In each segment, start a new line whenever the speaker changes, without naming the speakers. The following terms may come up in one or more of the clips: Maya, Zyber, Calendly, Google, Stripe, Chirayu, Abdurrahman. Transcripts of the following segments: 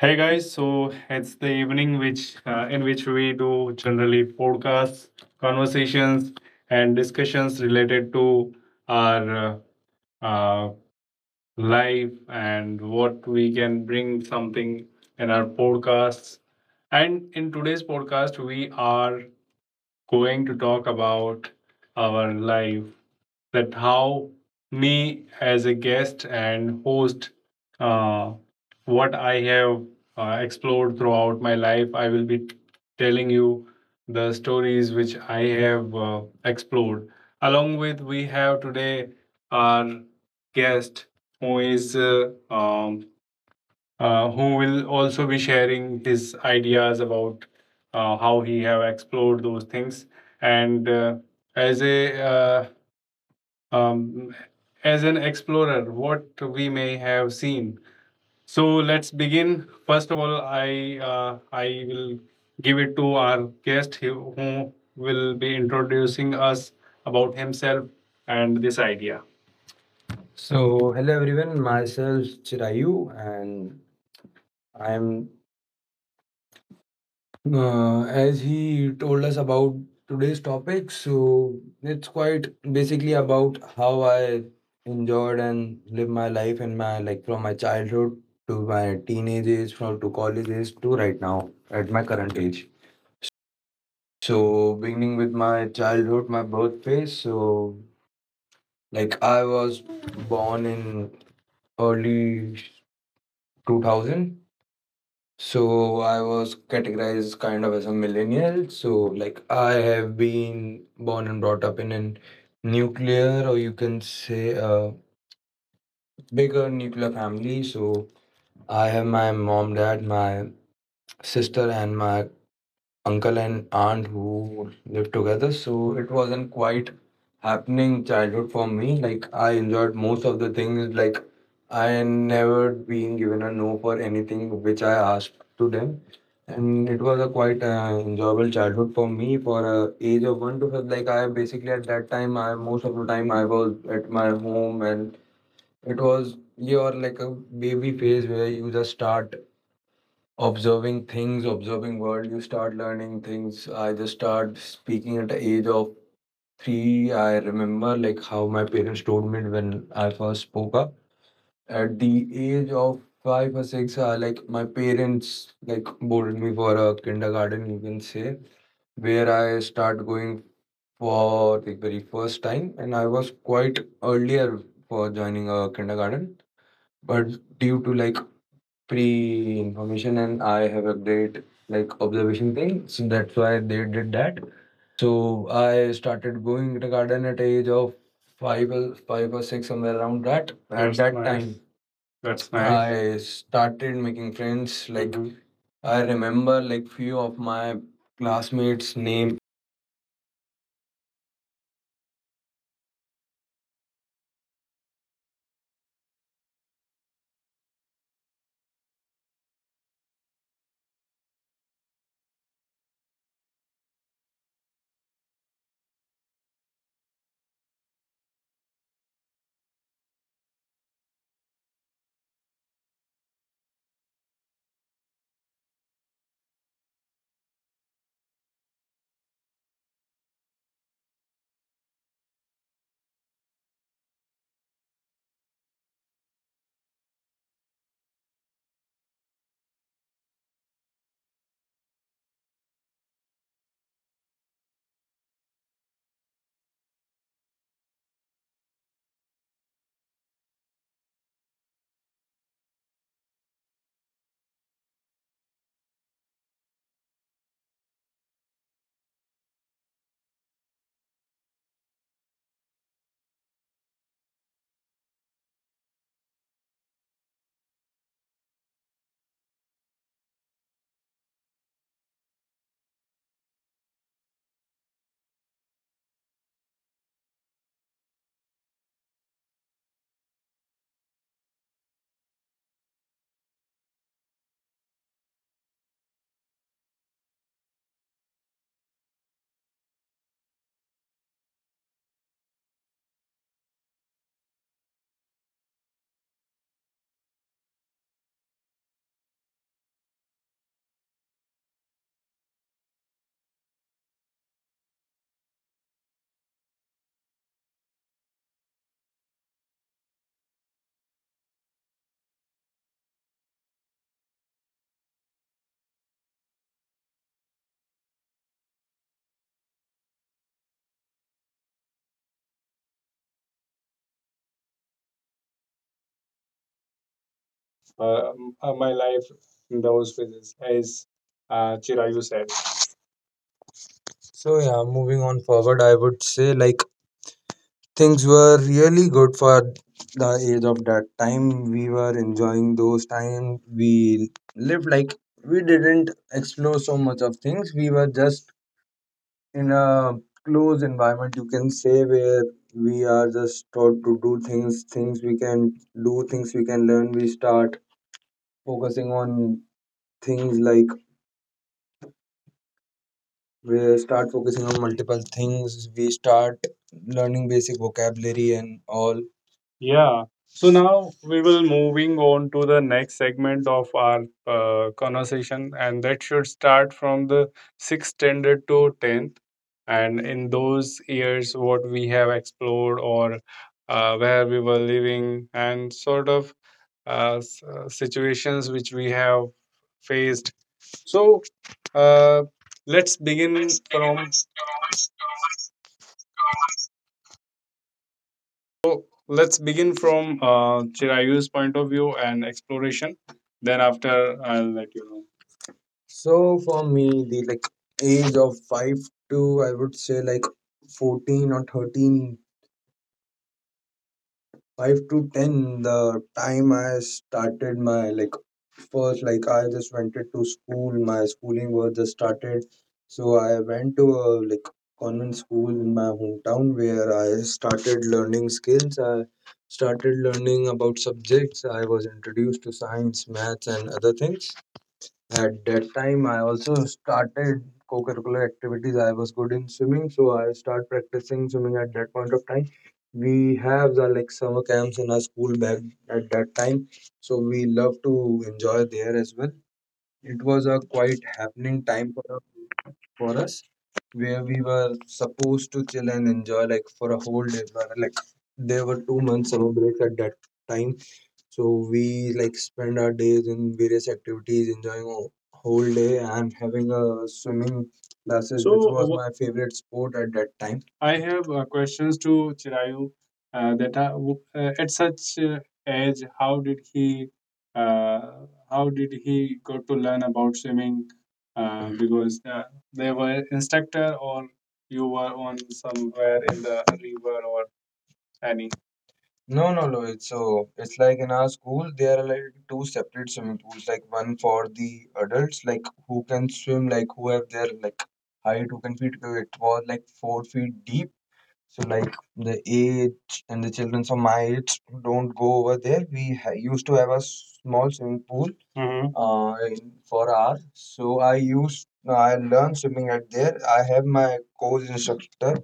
Hey guys, so it's the evening which in which we do generally podcasts, conversations, and discussions related to our uh, life and what we can bring something in our podcasts. And in today's podcast, we are going to talk about our life, that how me as a guest and host, uh, what I have explored throughout my life. I will be telling you the stories which I have explored. Along with, we have today our guest who is who will also be sharing his ideas about how he have explored those things, and as a uh, um, as an explorer what we may have seen. So let's begin. First all, I will give it to our guest, who will be introducing us about himself and this idea. So, hello everyone, myself Chirayu, and I'm as he told us about today's topic, so it's quite basically about how I enjoyed and lived my life and my like from my childhood to my teenage age, from to college age, to right now at my current age. So beginning with my childhood, my birthplace. So like I was born in early 2000. So I was categorized kind of as a millennial. So like I have been born and brought up in an nuclear, or you can say a bigger nuclear family. So I have my mom, dad, my sister and my uncle and aunt who lived together, so it wasn't quite happening childhood for me. Like I enjoyed most of the things. Like I never being given a no for anything which I asked to them, and it was a quite enjoyable childhood for me. For a age of one to five, like I basically, at that time, I most of the time I was at my home, and it was your like a baby phase where you just start observing things, observing world, you start learning things. I just start speaking at the age of three. I remember like how my parents told me when I first spoke up. At the age of five or six, like my parents like boarded me for a kindergarten, you can say, where I start going for the very first time, and I was quite earlier for joining a kindergarten, but due to like pre information and I have a great like observation thing. So that's why they did that. So I started going kindergarten at age of five or five or six, somewhere around that. At that's that nice time. That's nice. I started making friends. Like, mhm, I remember like few of my classmates' name.
uh, my life in those phases, as Chirayu said. So yeah, moving on forward, I would say like things were really good for the age of that time. We were enjoying those times. We lived like we didn't explore so much of things. We were just in a closed environment, you can say, where we are just taught to do things, things we can do, things we can learn. We start focusing on things, like we start focusing on multiple things. We start learning basic vocabulary and all. Yeah. So now we will moving on to the next segment of our conversation, and that should start from the sixth standard to tenth. And in those years, what we have explored or where we were living, and sort of situations which we have faced. So uh, let's begin from let's begin from Chirayu's point of view and exploration. Then after I'll let you know. So for me, the like age of 5 to I would say like 14 or 13, 5 to 10, the time I started my like first, like I just went it to school. My schooling was just started, so I went to a like convent school in my hometown where I started learning skills. I started learning about subjects. I was introduced to science, maths, and other things. At that time, I also started co-curricular activities. I was good in swimming, so I started practicing swimming at that point of time. We have the like summer camps in our school back at that time, so we love to enjoy there as well. It was a quite happening time for us, where we were supposed to chill and enjoy like for a whole day. But, like, there were 2 months summer breaks at that time, so we like spend our days in various activities, enjoying a whole day and having a swimming classes, which was my favorite sport at that time. I have questions to Chirayu that are, at such age, how did he uh, got to learn about swimming? Because they were instructor or you were on somewhere in the river or any. No, no, no. It's so it's like in our school there are like two separate swimming pools, like one for the adults, like who can swim, like who have their like height, who can fit. It was like 4 feet deep, so like the age and the children of my age don't go over there. We used to have a small swimming pool. Mhm. For our. So I learned swimming at there. I have my coach instructor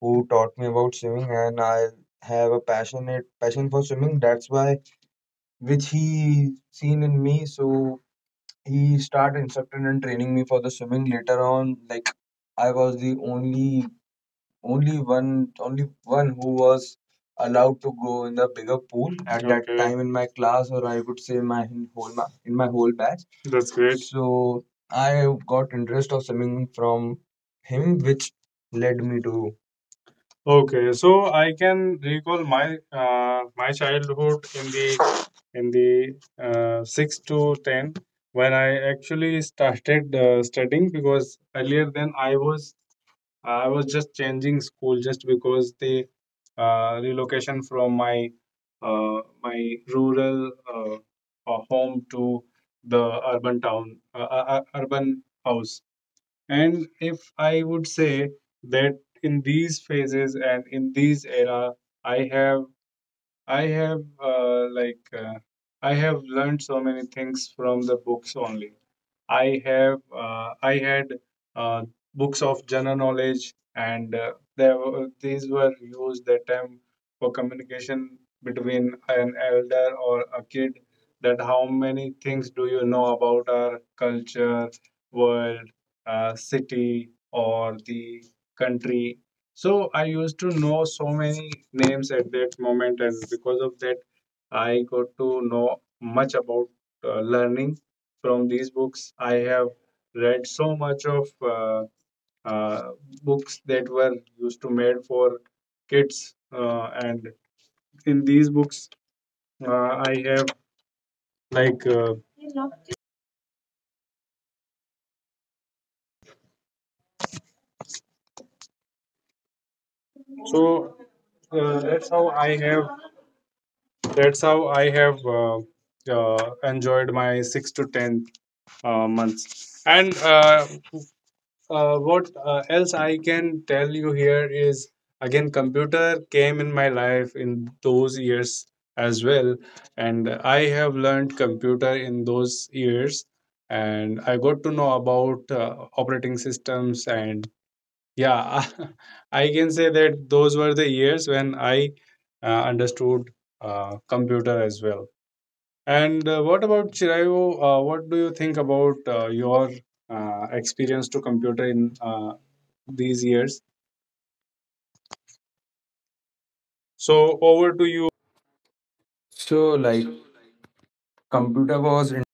who taught me about swimming, and I have a passion for swimming. That's why which he seen in me. So he started instructing and training me for the swimming. Later on, like I was the only one who was allowed to go in the bigger pool at that, okay, time in my class, or I could say my in whole ma- in my whole batch. That's great. So I got interest of swimming from him, which led me to. Okay, so I can recall my childhood in the 6 to 10 when I actually started studying, because earlier then I was just changing school just because the relocation from my rural home to the urban town, urban house. And if I would say that in these phases and in these era, I have I have like I have learned so many things from the books only. I have I had uh, books of general knowledge, and these were used that time for communication between an elder or a kid. That how many things do you know about our culture, world, city, or the country? So I used to know so many names at that moment, and because of that, I got to know much about learning from these books. I have read so much of uh, books that were used to made for kids, and in these books, I have like so. That's how I have. That's how I have enjoyed my 6 to 10 months. And what else I can tell you here is, again, computer came in my life in those years as well, and I have learned computer in those years, and I got to know about operating systems and yeah, I can say that those were the years when I understood computer as well. And what about Chirayu? What do you think about your experience to computer in these years? So over to you.
So like computer was in,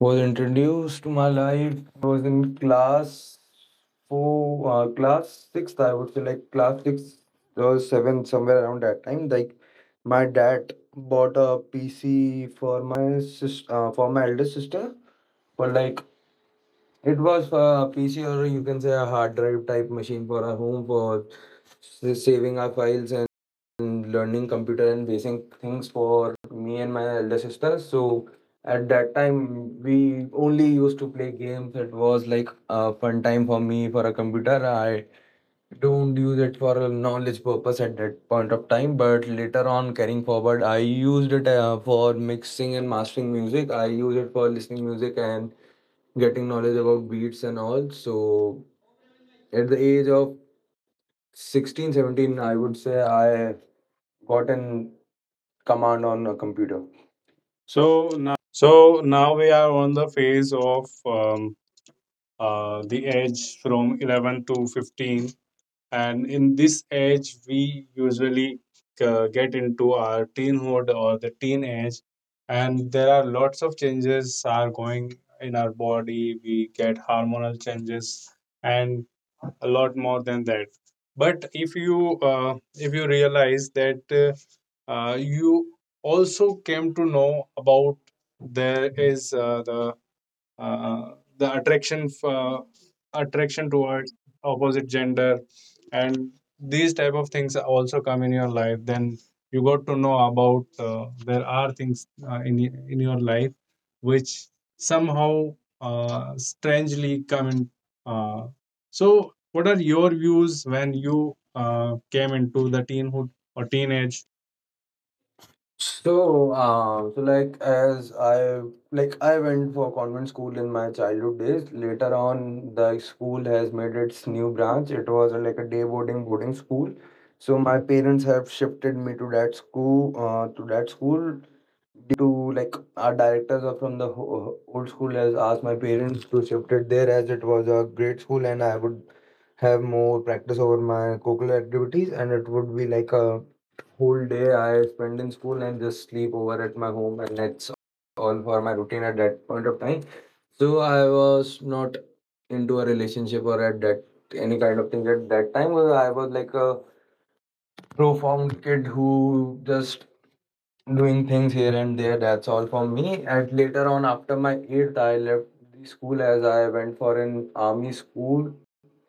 was introduced to my life was in class sixth. I would say like class six or seven, somewhere around that time. Like my dad bought a PC for my sis for my elder sister. For like, it was a PC or you can say a hard drive type machine for a home for saving our files and learning computer and basic things for me and my elder sister. So at that time, we only used to play games. It was like a fun time for me for a computer. I don't use it for a knowledge purpose at that point of time, but later on, carrying forward, I used it for mixing and mastering music. I used it for listening music and getting knowledge about beats and all. So at the age of 16, 17, I would say I got in command on a computer. So now,
So now we are on the phase of the age from 11 to 15, and in this age we usually get into our teenhood or the teen age, and there are lots of changes are going in our body. We get hormonal changes and a lot more than that. But if you realize that you also came to know about there is uh, the attraction for attraction towards opposite gender and these type of things also come in your life. Then you got to know about there are things in your life which somehow strangely come in. uh, so what are your views when you came into the teenhood or teenage?
So, uh, so like as I like I went for convent school in my childhood days. Later on, the school has made its new branch. It was like a day boarding school. So my parents have shifted me to that school, to like our directors are from the old school has asked my parents to shift it there, as it was a great school and I would have more practice over my co curricular activities, and it would be like a whole day I spend in school and just sleep over at my home, and that's all for my routine at that point of time. So I was not into a relationship or at that any kind of thing at that time. I was like a profound kid who just doing things here and there. That's all for me. And later on, after my eighth, I left the school, as I went for an army school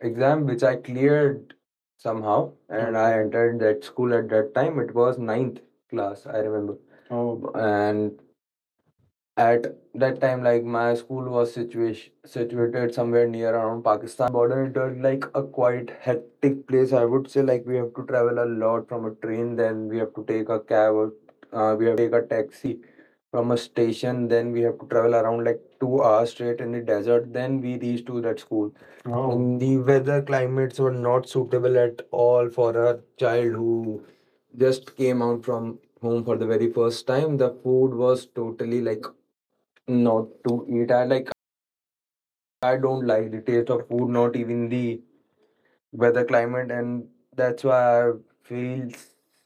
exam, which I cleared somehow. And I entered that school at that time. It was ninth class, I remember. Oh. And at that time, like my school was situation situated somewhere near around Pakistan border. It was like a quite hectic place, I would say. Like we have to travel a lot from a train, then we have to take a cab, or we have take a taxi from a station, then we have to travel around like 2 hours straight in the desert, then we reach to that school. Oh. And the weather climates were not suitable at all for a child who just came out from home for the very first time. The food was totally like not to eat. I don't like the taste of food, not even the weather climate, and that's why I feel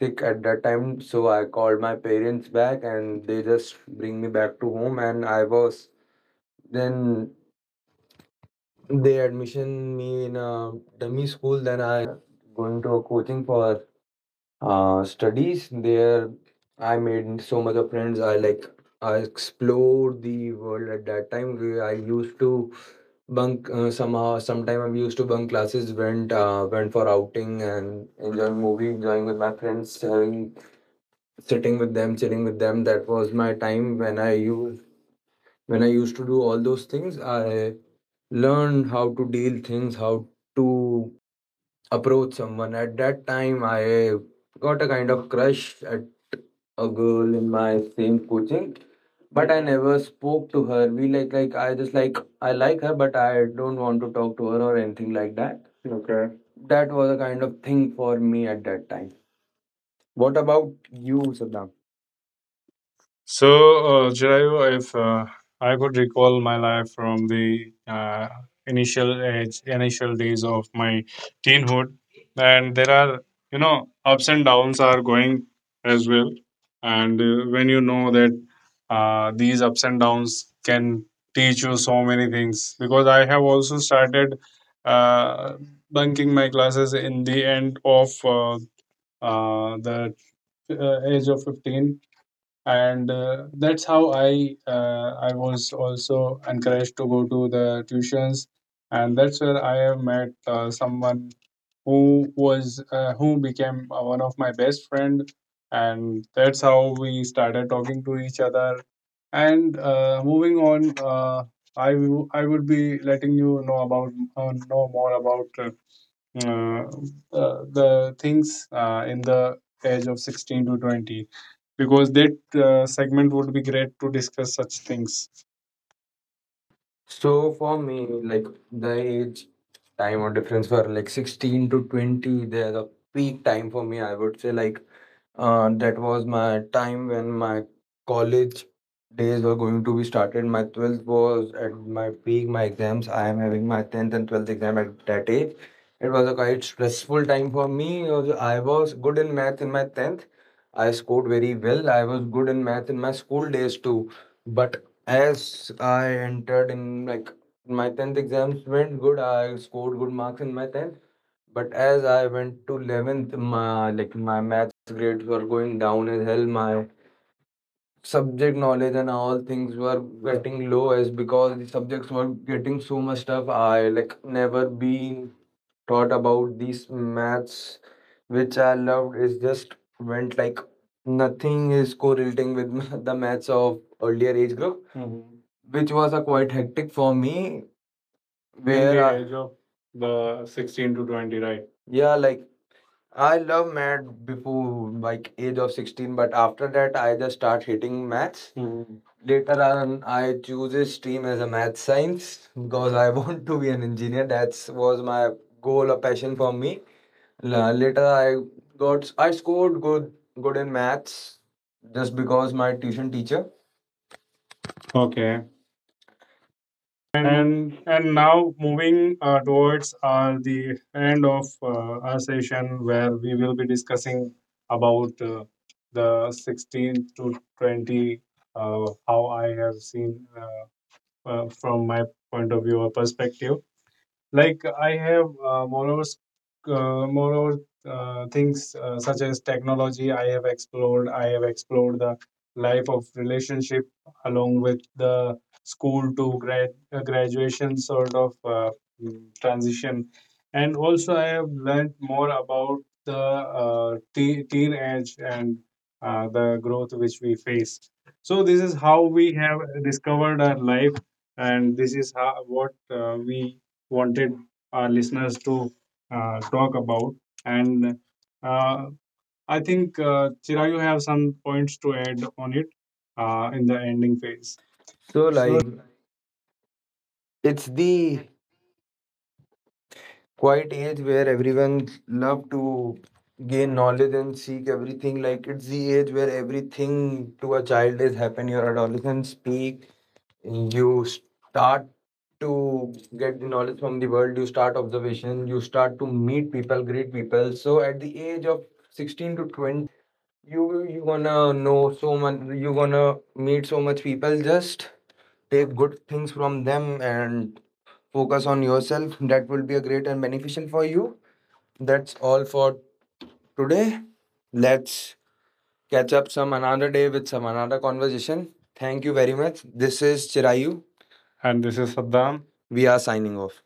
sick at that time. So I called my parents back, and they just bring me back to home, and I was then they admission me in a dummy school. Then I going to a coaching for studies. There I made so much of friends. I explored the world at that time. I used to bunk somehow sometime. I used to bunk classes, went for outing and enjoying movie, enjoying with my friends, having sitting with them, chilling with them. That was my time when I used to do all those things. I learned how to deal things, how to approach someone. At that time, I got a kind of crush at a girl in my same coaching, but I never spoke to her. We like I just like I like her, but I don't want to talk to her or anything like that. Okay. That was a kind of thing for me at that time. What about you, Saddam?
So, Jirayu, if I could recall my life from the initial age, initial days of my teenhood, and there are, you know, ups and downs are going as well. And when you know that these ups and downs can teach you so many things, because I have also started uh, bunking my classes in the end of the age of 15, and that's how I was also encouraged to go to the tuitions. And that's where I have met someone who was who became one of my best friend, and that's how we started talking to each other. And moving on I would be letting you know about know more about uh, the things in the age of 16 to 20, because that segment would be great to discuss such things.
So for me, like the age time or difference for like 16 to 20, they're the peak time for me. I would say, like, that was my time when my college days were going to be started. My 12th was at my peak, my exams. I am having my 10th and 12th exam at that age. It was a quite stressful time for me. Also, I was good in math in my 10th. I scored very well. I was good in math in my school days too. But as I entered in, like, my 10th exams went good, I scored good marks in my 10th, but as I went to 11th, my like my maths grades were going down as hell. My subject knowledge and all things were getting low, as because the subjects were getting so much stuff. I like never been taught about these maths which I loved. Is just went like nothing is correlating with the maths of earlier age group. Mhm. which was a quite hectic for me. In Where the I, age of the 16 to 20, right? Yeah, like I love math before like age of 16, but after that I just start hating maths. Mhm. Later on, I choose a stream as a math science because I want to be an engineer. That was my goal or passion for me. Later, I scored good in maths, just because my tuition teacher. Okay.
and
And
and now moving towards the end of our session, where we will be discussing about the 16 to 20, how I have seen from my point of view or perspective. Like I have moreover, things such as technology. I have explored. I have explored the life of relationship along with the school to graduation sort of transition, and also I have learned more about the teenage and the growth which we face. So this is how we have discovered our life, and this is how what we wanted our listeners to talk about. And uh, I think, Chira, you have some points to add on it in the ending phase.
so
So
like it's the quiet age where everyone love to gain knowledge and seek everything. Like it's the age where everything to a child is happen, your adolescent speak, you start to get the knowledge from the world, you start observation, you start to meet people, greet people. So at the age of 16 to 20, you you gonna know so much, you gonna meet so much people. Just take good things from them and focus on yourself. That will be a great and beneficial for you. That's all for today. Let's catch up some another day with some another conversation. Thank you very much. This is Chirayu. And this is Saddam. We are signing off.